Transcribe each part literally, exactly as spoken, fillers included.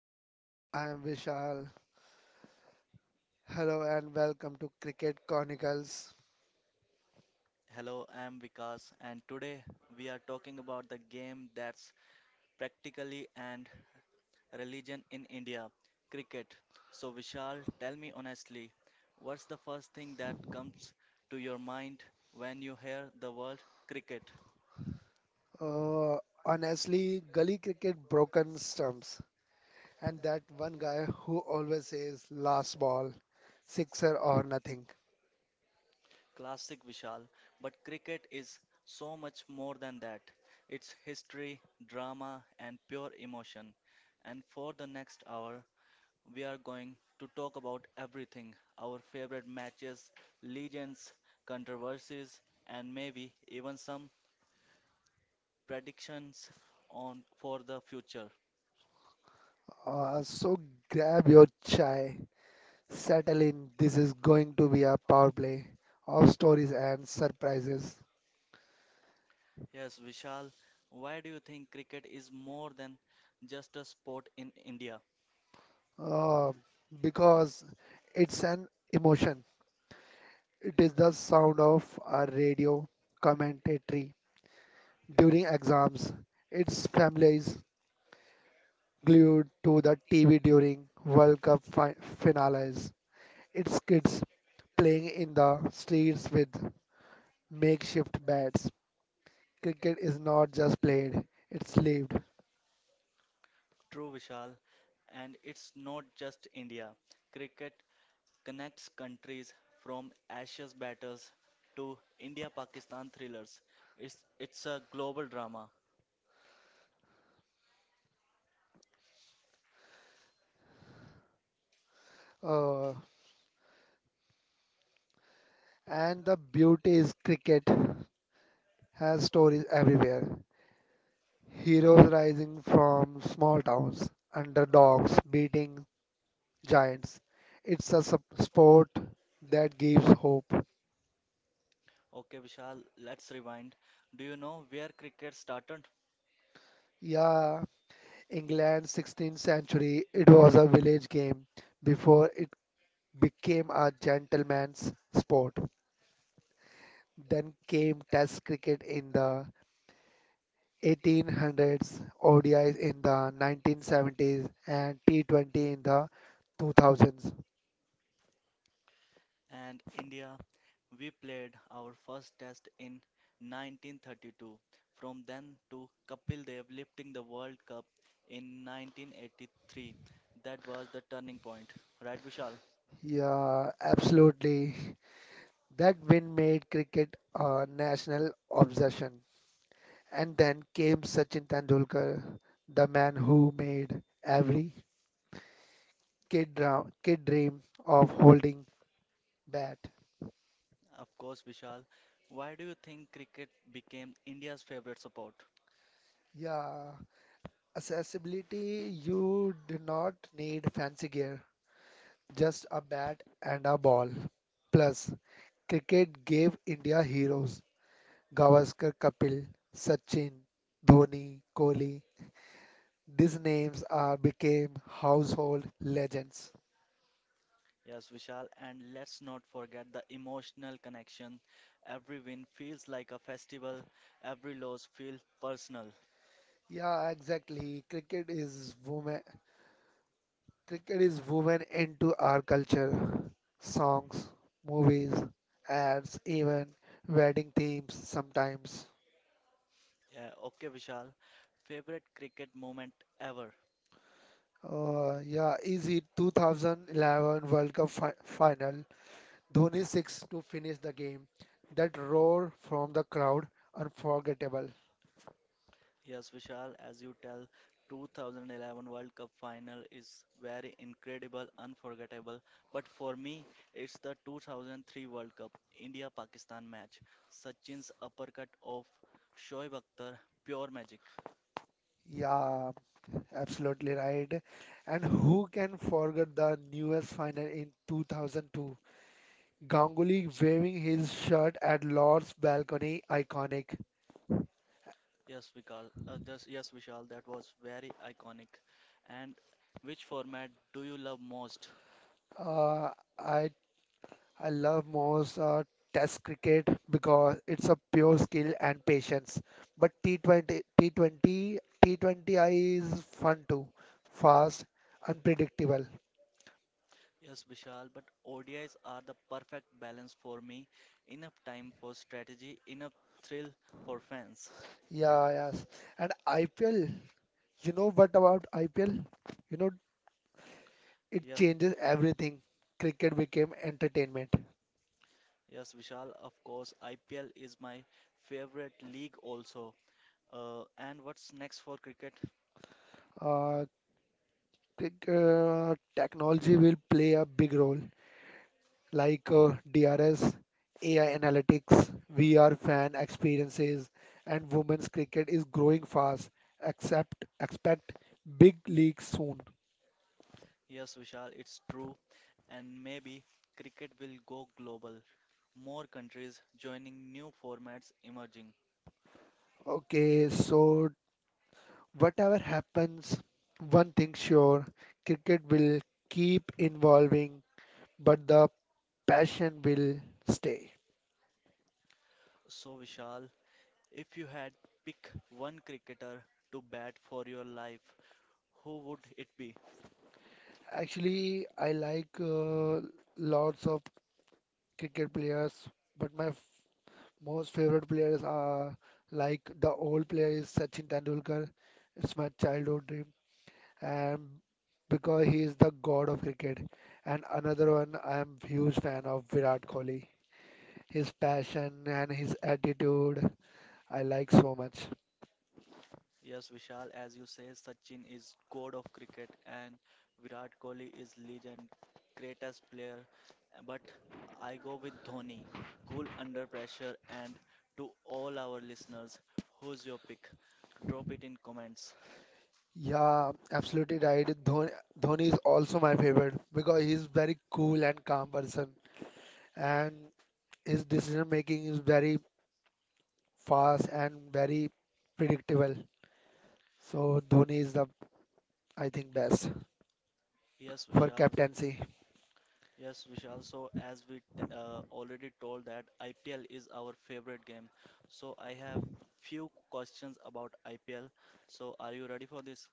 hello, I'm Vishal. Hello and welcome to Cricket Chronicles. Hello, I'm Vikas, and today we are talking about the game that's practically and religion in India, cricket. So, Vishal, tell me honestly, what's the first thing that comes to your mind when you hear the word cricket? Uh, Honestly, gully cricket broken stumps, and that one guy who always says last ball, sixer or nothing. Classic Vishal, but cricket is so much more than that. It's history, drama, and pure emotion. And for the next hour, we are going to talk about everything, our favorite matches, legends, controversies, and maybe even some predictions on for the future. Uh, so grab your chai, settle in. This is going to be a power play of stories and surprises. Yes, Vishal, why do you think cricket is more than just a sport in India? Uh, because it's an emotion. It is the sound of a radio commentary during exams. Its family is glued to the T V during World Cup fi- finales. Its kids playing in the streets with makeshift bats. Cricket is not just played, it's lived. True, Vishal, and it's not just India. Cricket connects countries from Ashes battles to India-Pakistan thrillers. It's it's a global drama. Uh, and the beauty is cricket has stories everywhere. Heroes rising from small towns, underdogs beating giants. It's a sup- sport that gives hope. Okay, Vishal, let's rewind. Do you know where cricket started? Yeah, England sixteenth century, it was a village game before it became a gentleman's sport. Then came Test cricket in the eighteen hundreds, O D Is in the nineteen seventies, and T twenty in the two thousands. And India, we played our first test in nineteen thirty-two. From then to Kapil Dev lifting the World Cup in nineteen eighty-three. That was the turning point. Right, Vishal? Yeah, absolutely. That win made cricket a national obsession. And then came Sachin Tendulkar, the man who made every kid, dra- kid dream of holding bat. Of course, Vishal. Why do you think cricket became India's favorite sport? Yeah, accessibility, you do not need fancy gear, just a bat and a ball. Plus, cricket gave India heroes. Gavaskar, Kapil, Sachin, Dhoni, Kohli. These names are became household legends. Yes, Vishal, and let's not forget the emotional connection. Every win feels like a festival, every loss feels personal. Yeah, exactly. Cricket is woman Cricket is woven into our culture, songs, movies, ads, even wedding themes sometimes. Yeah, okay, Vishal. Favorite cricket moment ever? Uh, yeah, easy two thousand eleven World Cup fi final. Dhoni six to finish the game. That roar from the crowd, unforgettable. Yes, Vishal, as you tell, twenty eleven World Cup final is very incredible, unforgettable. But for me, it's the two thousand three World Cup India-Pakistan match. Sachin's uppercut of Shoaib Akhtar, pure magic. Yeah, absolutely right. And who can forget the newest final in two thousand two? Ganguly waving his shirt at Lord's balcony, iconic. Yes, Vikal. Uh, this, yes, Vishal, that was very iconic. And which format do you love most? Uh, I I love most uh, Test cricket because it's a pure skill and patience. But T twenty T twenty T twenty I is fun too, fast, unpredictable. Yes, Vishal, but O D Is are the perfect balance for me. Enough time for strategy, enough thrill for fans. Yeah, yes. And I P L, you know what about I P L? You know it Yes, changes everything. Cricket became entertainment. yes, Vishal, of course, I P L is my favorite league also. Uh, and what's next for cricket? Uh, cricket, uh, Technology will play a big role. like uh, D R S, A I analytics, V R fan experiences, and women's cricket is growing fast. Except Expect big leagues soon. Yes, Vishal, it's true. And maybe cricket will go global. More countries joining new formats emerging. Okay, so whatever happens, one thing sure, cricket will keep evolving, but the passion will stay. So, Vishal, if you had pick one cricketer to bat for your life, who would it be? Actually, I like uh, lots of cricket players, but my most favorite players are like the old player is Sachin Tendulkar. It's my childhood dream, and because he is the god of cricket. And another one, I am huge fan of Virat Kohli. His passion and his attitude, I like so much. Yes, Vishal, as you say, Sachin is god of cricket and Virat Kohli is legend, greatest player. But I go with Dhoni, cool under pressure. And to all our listeners, who's your pick? Drop it in comments. Yeah, absolutely right. Dhoni, Dhoni is also my favorite because he's very cool and calm person, and his decision making is very fast and very predictable. So Dhoni is the, I think, best Yes, for Vishal. captaincy. Yes, Vishal. So as we t uh, already told that I P L is our favorite game. So I have few questions about I P L. So are you ready for this?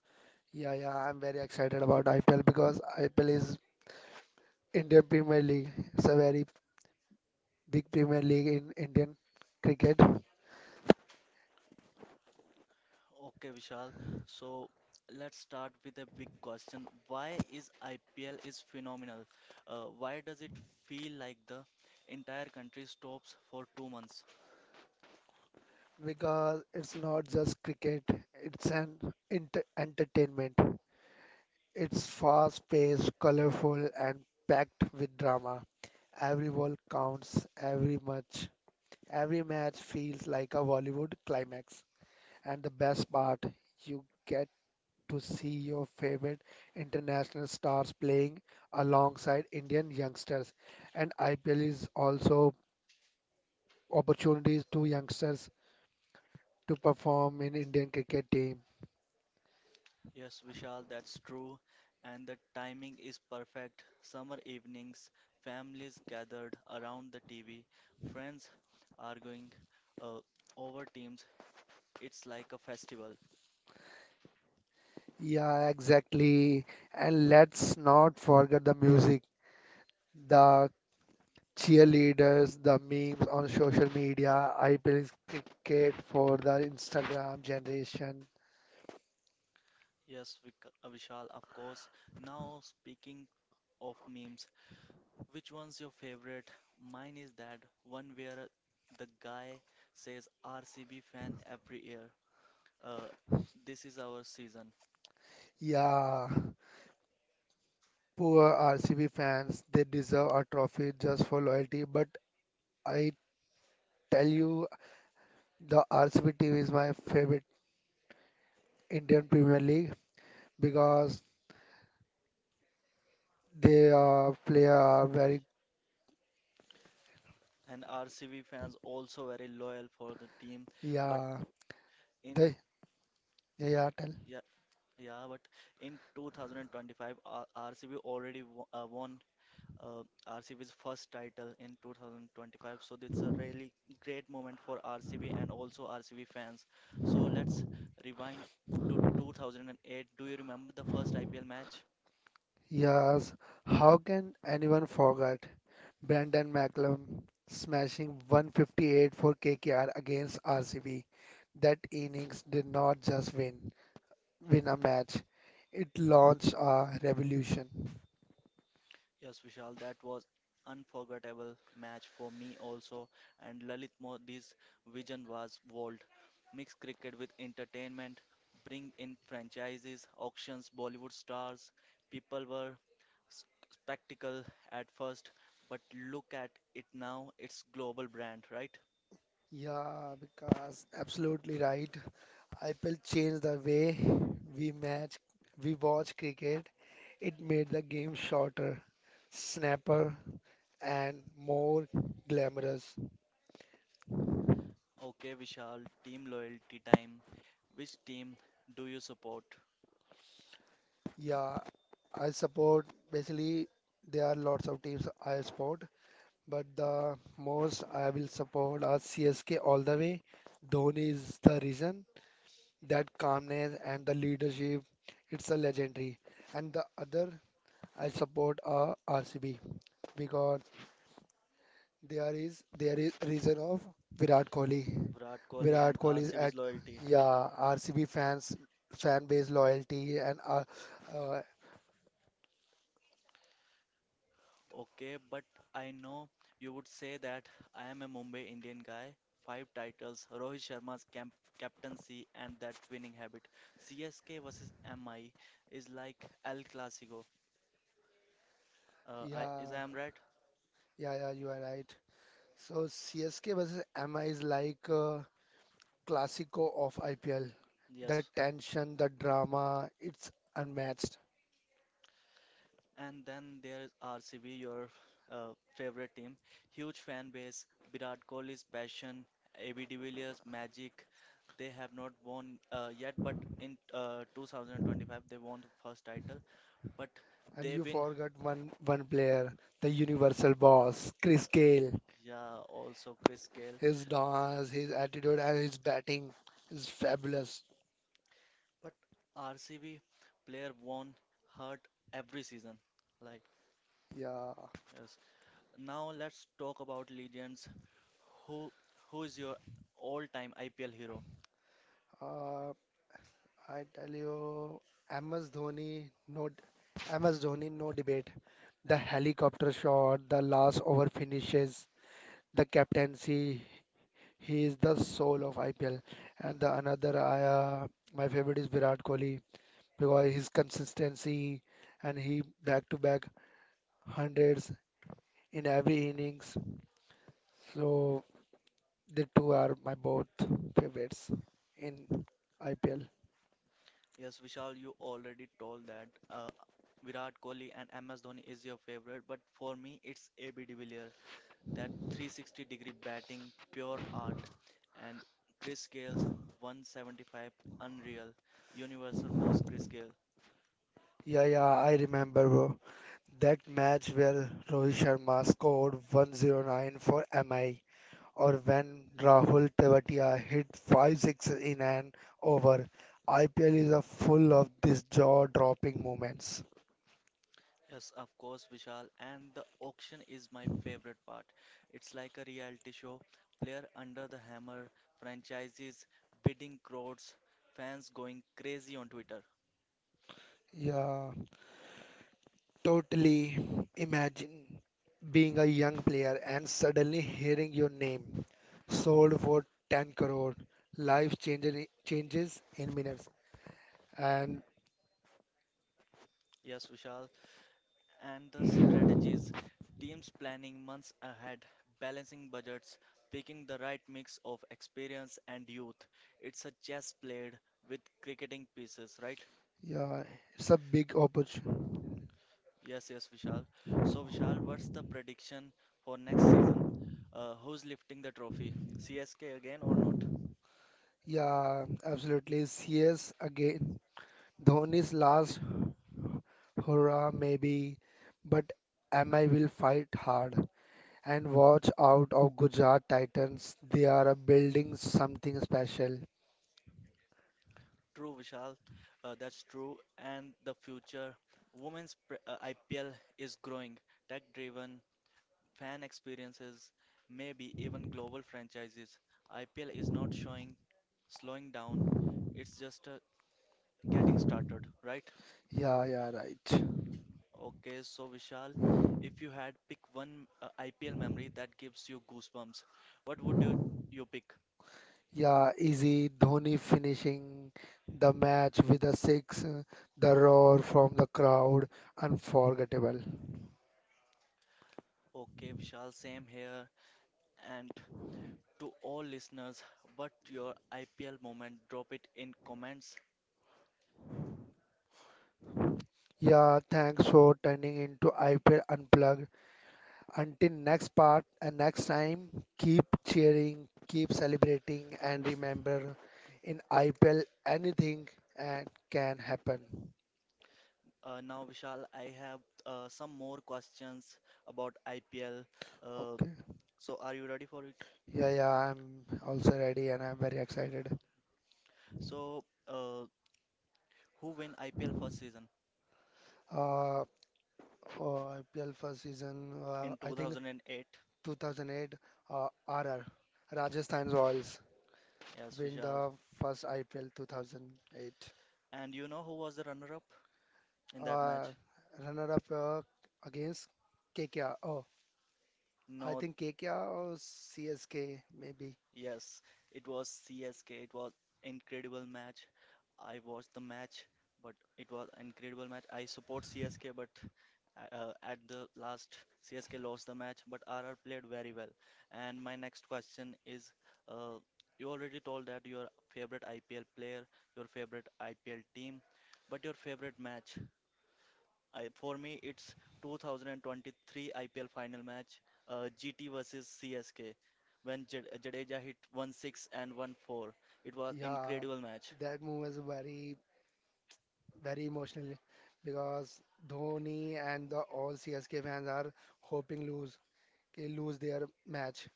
Yeah, yeah, I'm very excited about I P L because I P L is Indian Premier League. It's a very big Premier League in Indian cricket Okay, Vishal. So let's start with a big question. Why is I P L is phenomenal? Uh, why does it feel like the entire country stops for two months? because it's not just cricket, it's an inter- entertainment. It's fast-paced, colorful, and packed with drama. Every ball counts, every match, every match feels like a Bollywood climax. And the best part, you get to see your favorite international stars playing alongside Indian youngsters. And I P L is also opportunities to youngsters to perform in Indian cricket team. Yes, Vishal, that's true. And the timing is perfect. Summer evenings, families gathered around the T V, friends arguing uh, over teams. It's like a festival. Yeah, exactly. And let's not forget the music, the cheerleaders, the memes on social media. I P L is cricket for the Instagram generation. Yes, Vik- uh, Vishal, of course. Now, speaking of memes, which one's your favorite? Mine is that one where the guy says R C B fan every year. Uh, this is our season. Yeah, poor R C B fans, they deserve a trophy just for loyalty, but I tell you the R C B team is my favorite Indian Premier League because they uh, play are very. and R C B fans also very loyal for the team. But Yeah, in they. Yeah, yeah, tell. yeah, yeah, but in two thousand twenty-five, R- RCB already wo- uh, won uh, R C B's first title in twenty twenty-five. So it's a really great moment for R C B and also R C B fans. So let's rewind to two thousand eight. Do you remember the first I P L match? Yes, how can anyone forget Brandon McCallum smashing one hundred fifty-eight for K K R against R C B? That innings did not just win win a match. It launched a revolution. Yes, Vishal, that was unforgettable match for me also. And Lalit Modi's vision was bold. Mix cricket with entertainment, bring in franchises, auctions, Bollywood stars. People were s- spectacle at first, but look at it now, it's global brand, right? Yeah, because absolutely right, I will change the way we match, we watch cricket. It made the game shorter, snapper, and more glamorous. Okay, Vishal, team loyalty time. Which team do you support? Yeah, I support basically there are lots of teams I support, but the most I will support are C S K all the way. Dhoni is the reason that calmness and the leadership, it's a legendary. And the other I support are R C B because There is there is reason of Virat Kohli. Virat Kohli Virat and Kohli's at. R C B's loyalty. Yeah, R C B fans fan base loyalty and uh, uh Okay, but I know you would say that I am a Mumbai Indian guy. Five titles, Rohit Sharma's camp captaincy and that winning habit. C S K versus M I is like El Clasico. Uh, I is I yeah, am right? yeah, yeah, you are right. So C S K versus M I is like a classico of I P L. The Yes. tension, the drama, it's unmatched. And then there is R C B, your uh, favorite team. Huge fan base, Virat Kohli's passion, A B de Villiers' magic. They have not won uh, yet, but in uh, two thousand twenty-five they won the first title. but And they you win. forgot one one player, the universal boss, Chris Gayle. Yeah, also Chris Gale. His dance, his attitude, and his batting is fabulous. But R C B player won hurt every season. Like Yeah. yes. Now let's talk about legends. Who who is your all-time I P L hero? Uh, I tell you, M S Dhoni, no, d- M S Dhoni, no debate. The helicopter shot, the last over finishes, the captaincy. He is the soul of I P L. And the another, I, uh, my favorite is Virat Kohli because his consistency and he back-to-back hundreds in every innings. So the two are my both favorites in I P L. Yes, Vishal, you already told that uh, Virat Kohli and M S Dhoni is your favorite, but for me it's A B de Villiers. That three sixty degree batting, pure art, and Chris Gale's one seventy-five, unreal, universal boss Chris Gale. Yeah, yeah, I remember, bro. That match where Rohit Sharma scored one hundred nine for M I or when Rahul Tewatia hit five sixes in an over. I P L is a full of these jaw-dropping moments. Yes, of course, Vishal. And the auction is my favorite part. It's like a reality show. Player under the hammer, franchises bidding crowds, fans going crazy on Twitter. Yeah, totally. Imagine being a young player and suddenly hearing your name sold for ten crore. Life changes changes in minutes. And Yes, Vishal. And the strategies, teams planning months ahead, balancing budgets, picking the right mix of experience and youth. It's a chess played with cricketing pieces, right? yeah, it's a big oppor. Yes, yes, Vishal. So, Vishal, what's the prediction for next season? Uh, who's lifting the trophy? C S K again or not? Yeah, absolutely. C S again. Dhoni's last hurrah, maybe, but M I will fight hard. And watch out of Gujarat Titans. They are uh, building something special. True, Vishal. Uh, that's true. And the future women's pre- uh, I P L is growing, tech driven, fan experiences, maybe even global franchises. I P L is not showing slowing down, it's just uh, getting started, right? Yeah, yeah, right. Okay, so Vishal, if you had pick one uh, I P L memory that gives you goosebumps, what would you, you pick? Yeah, easy. Dhoni finishing the match with a six. uh, The roar from the crowd, unforgettable. Okay, Vishal, same here. And to all listeners, what your I P L moment? Drop it in comments. Yeah, thanks for turning into I P L Unplugged. Until next part and next time, keep cheering, keep celebrating, and remember in I P L anything and can happen. Uh, now, Vishal, I have uh, some more questions about I P L. Uh, Okay. So are you ready for it? Yeah, yeah, I'm also ready and I'm very excited. So uh, who win I P L first season Uh, for I P L first season, uh, in I think two thousand eight? two thousand eight uh, R R, Rajasthan Royals Yes, win Vishal. the first I P L two thousand eight. And you know who was the runner-up in that Uh, match? Runner up uh, against K K R. Oh, I No, think K K R or C S K maybe. yes, it was C S K. It was incredible match. I watched the match, but it was incredible match. I support C S K, but Uh, at the last, C S K lost the match, but R R played very well. And my next question is, uh, you already told that your favorite I P L player, your favorite I P L team, but your favorite match? I, for me, it's two thousand twenty-three I P L final match, uh, G T versus C S K, when Jade- Jadeja hit one six and one four. It was Yeah, incredible match, that move was very very emotional because Dhoni and the all C S K fans are hoping lose they lose their match.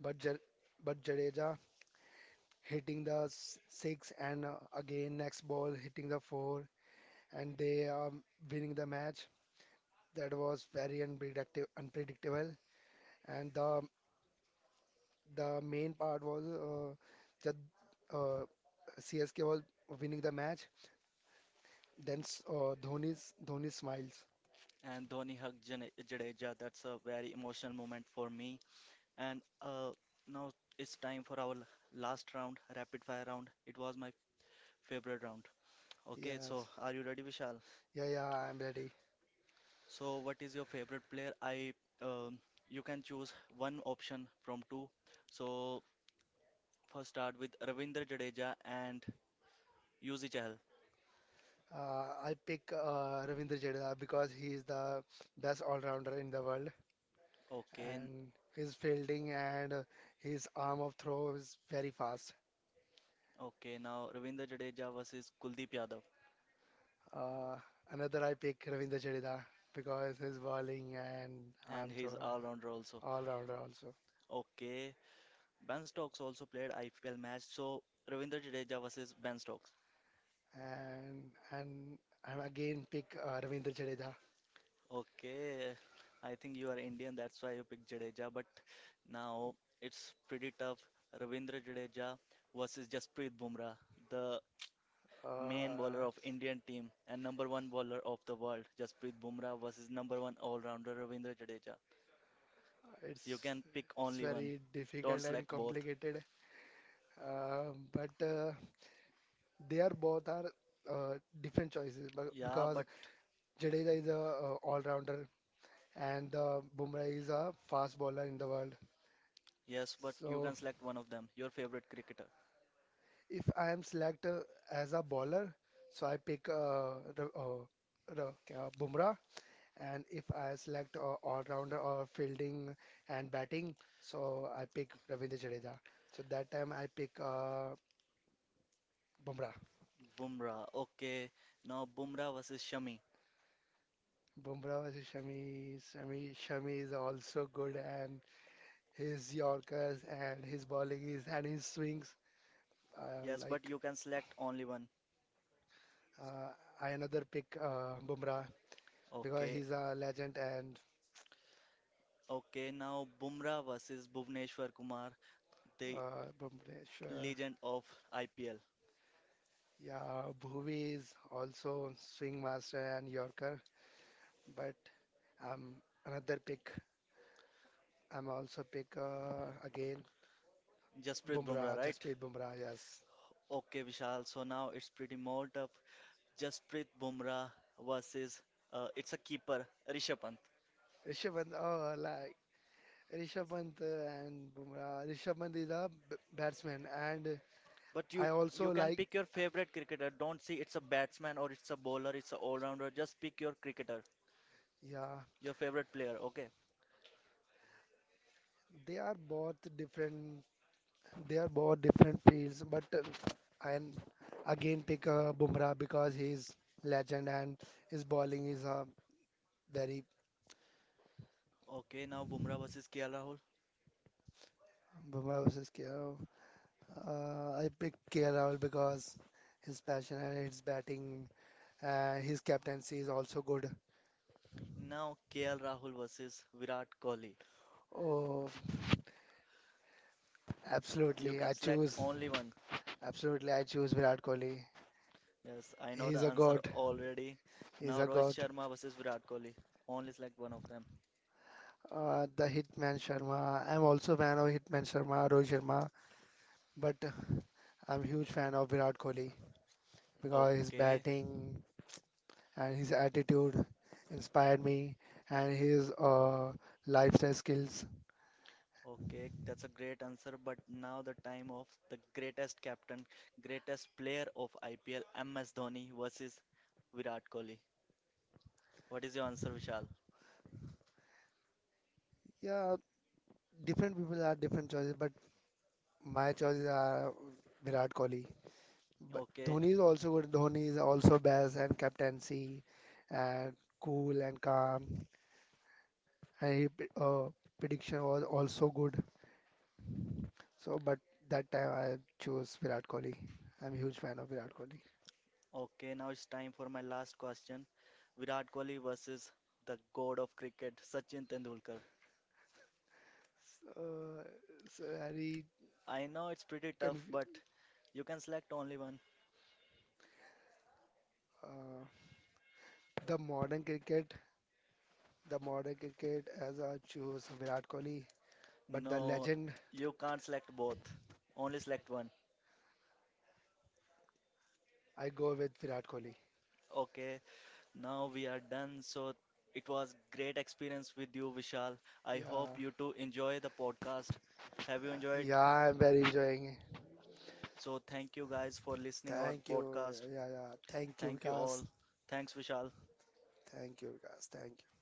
But Ja- but Jadeja hitting the s- six and uh, again next ball hitting the four and they are winning the match. That was very unpredictable, unpredictable. And the the main part was uh, Jad, uh, C S K was winning the match. Then s- uh, Dhoni's Dhoni smiles. and Dhoni hugged Jane- Jadeja. That's a very emotional moment for me. And uh, now it's time for our last round, rapid fire round. It was my favorite round. Okay, so Yes. are you ready, Vishal? Yeah, yeah, I'm ready. So, what is your favorite player? I um, you can choose one option from two. So, first start with Ravindra Jadeja and Yuzi Chahal. Uh, i pick uh, Ravindra Jadeja because he is the best all-rounder in the world, Okay, n- and his fielding and uh, his arm of throw is very fast. okay. Now Ravindra Jadeja versus Kuldeep Yadav, Uh, Another I pick Ravindra Jadeja because his bowling and and arm throw he's all-rounder also. uh, all-rounder also. Okay, Ben Stokes also played I P L match. So Ravindra Jadeja versus Ben Stokes. And and I'm again pick uh, Ravindra Jadeja. Okay, I think you are Indian, that's why you picked Jadeja. But now it's pretty tough. Ravindra Jadeja versus Jasprit Bumrah, the main Uh, bowler of Indian team and number one bowler of the world. Jasprit Bumrah versus number one all-rounder Ravindra Jadeja. it's You can pick it's only one. very Don't difficult and select both. complicated. Uh, but uh, they are both are uh, different choices but Yeah, because but Jadeja is a uh, all-rounder and uh, Bumrah is a fast bowler in the world. yes, but you So can select one of them. Your favorite cricketer. if I am selected as a bowler, so I pick uh, Ra- uh, Ra- uh, Bumrah. And if I select a all-rounder or fielding and batting, so I pick Ravindra Jadeja. So that time I pick uh, Bumrah. Bumrah. Okay, now Bumrah versus Shami. Bumrah versus Shami. Shami, Shami is also good, and his Yorkers and his bowling is and his swings uh, Yes, but like. you can select only one. uh, I another pick uh, Bumrah because Okay, he's a legend and okay. Now Bumrah versus Bhuvneshwar Kumar, the uh, Bumrah. Sure. legend of I P L. Yeah, Bhuvi is also swing master and Yorker, but Um, another pick. I'm also pick uh, again Jasprit Bumrah, Bumrah, right? Jasprit Bumrah. Yes, Okay, Vishal. So now it's pretty more tough. Jasprit Bumrah versus uh, it's a keeper, Rishabh Pant. Rishabh Pant. Oh, like Rishabh Pant uh, and Bumrah. Rishabh Pant is a b- batsman, and But I you you also can like. pick your favorite cricketer. Don't see it's a batsman or it's a bowler, it's a all-rounder. Just pick your cricketer, Yeah, your favorite player. Okay. they are both different. They are both different fields, but uh, I again pick uh, Bumrah because he's legend and his bowling is uh, very. Okay. Now Bumrah versus K L Rahul. Bumrah versus K O. Uh, I picked K L Rahul because his passion and his batting, uh, his captaincy is also good. Now K L Rahul versus Virat Kohli. Oh, You absolutely. can I select choose, only one. absolutely, I choose Virat Kohli. Yes, I know the He's a answer god. already. He's Now a Rohit god. Sharma versus Virat Kohli. Only select one of them. Uh, the Hitman Sharma. I'm also fan of Hitman Sharma, Rohit Sharma, but I'm huge fan of Virat Kohli because his Okay, batting, and his attitude inspired me and his uh, lifestyle skills. okay, that's a great answer. But now the time of the greatest captain, greatest player of I P L, M S Dhoni versus Virat Kohli. What is your answer, Vishal? Yeah, different people have different choices, but my choices are Virat Kohli. But Okay, Dhoni is also good. Dhoni is also best and captaincy and cool and calm. And his uh, prediction was also good. So, but that time I chose Virat Kohli. I'm a huge fan of Virat Kohli. okay, now it's time for my last question. Virat Kohli versus the god of cricket, Sachin Tendulkar. So, so very I know it's pretty tough, confused. but you can select only one. Uh, The modern cricket, the modern cricket as I choose Virat Kohli, but the No, legend you can't select both. Only select one. I go with Virat Kohli. Okay, now we are done. So it was great experience with you, Vishal. I Yeah, hope you too enjoy the podcast. Have you enjoyed? yeah, I'm very enjoying. So thank you guys for listening our Thank you. podcast. Yeah, yeah. Thank you, Thank you Vikas. all. Thanks, Vishal. Thank you, Vikas. Thank you.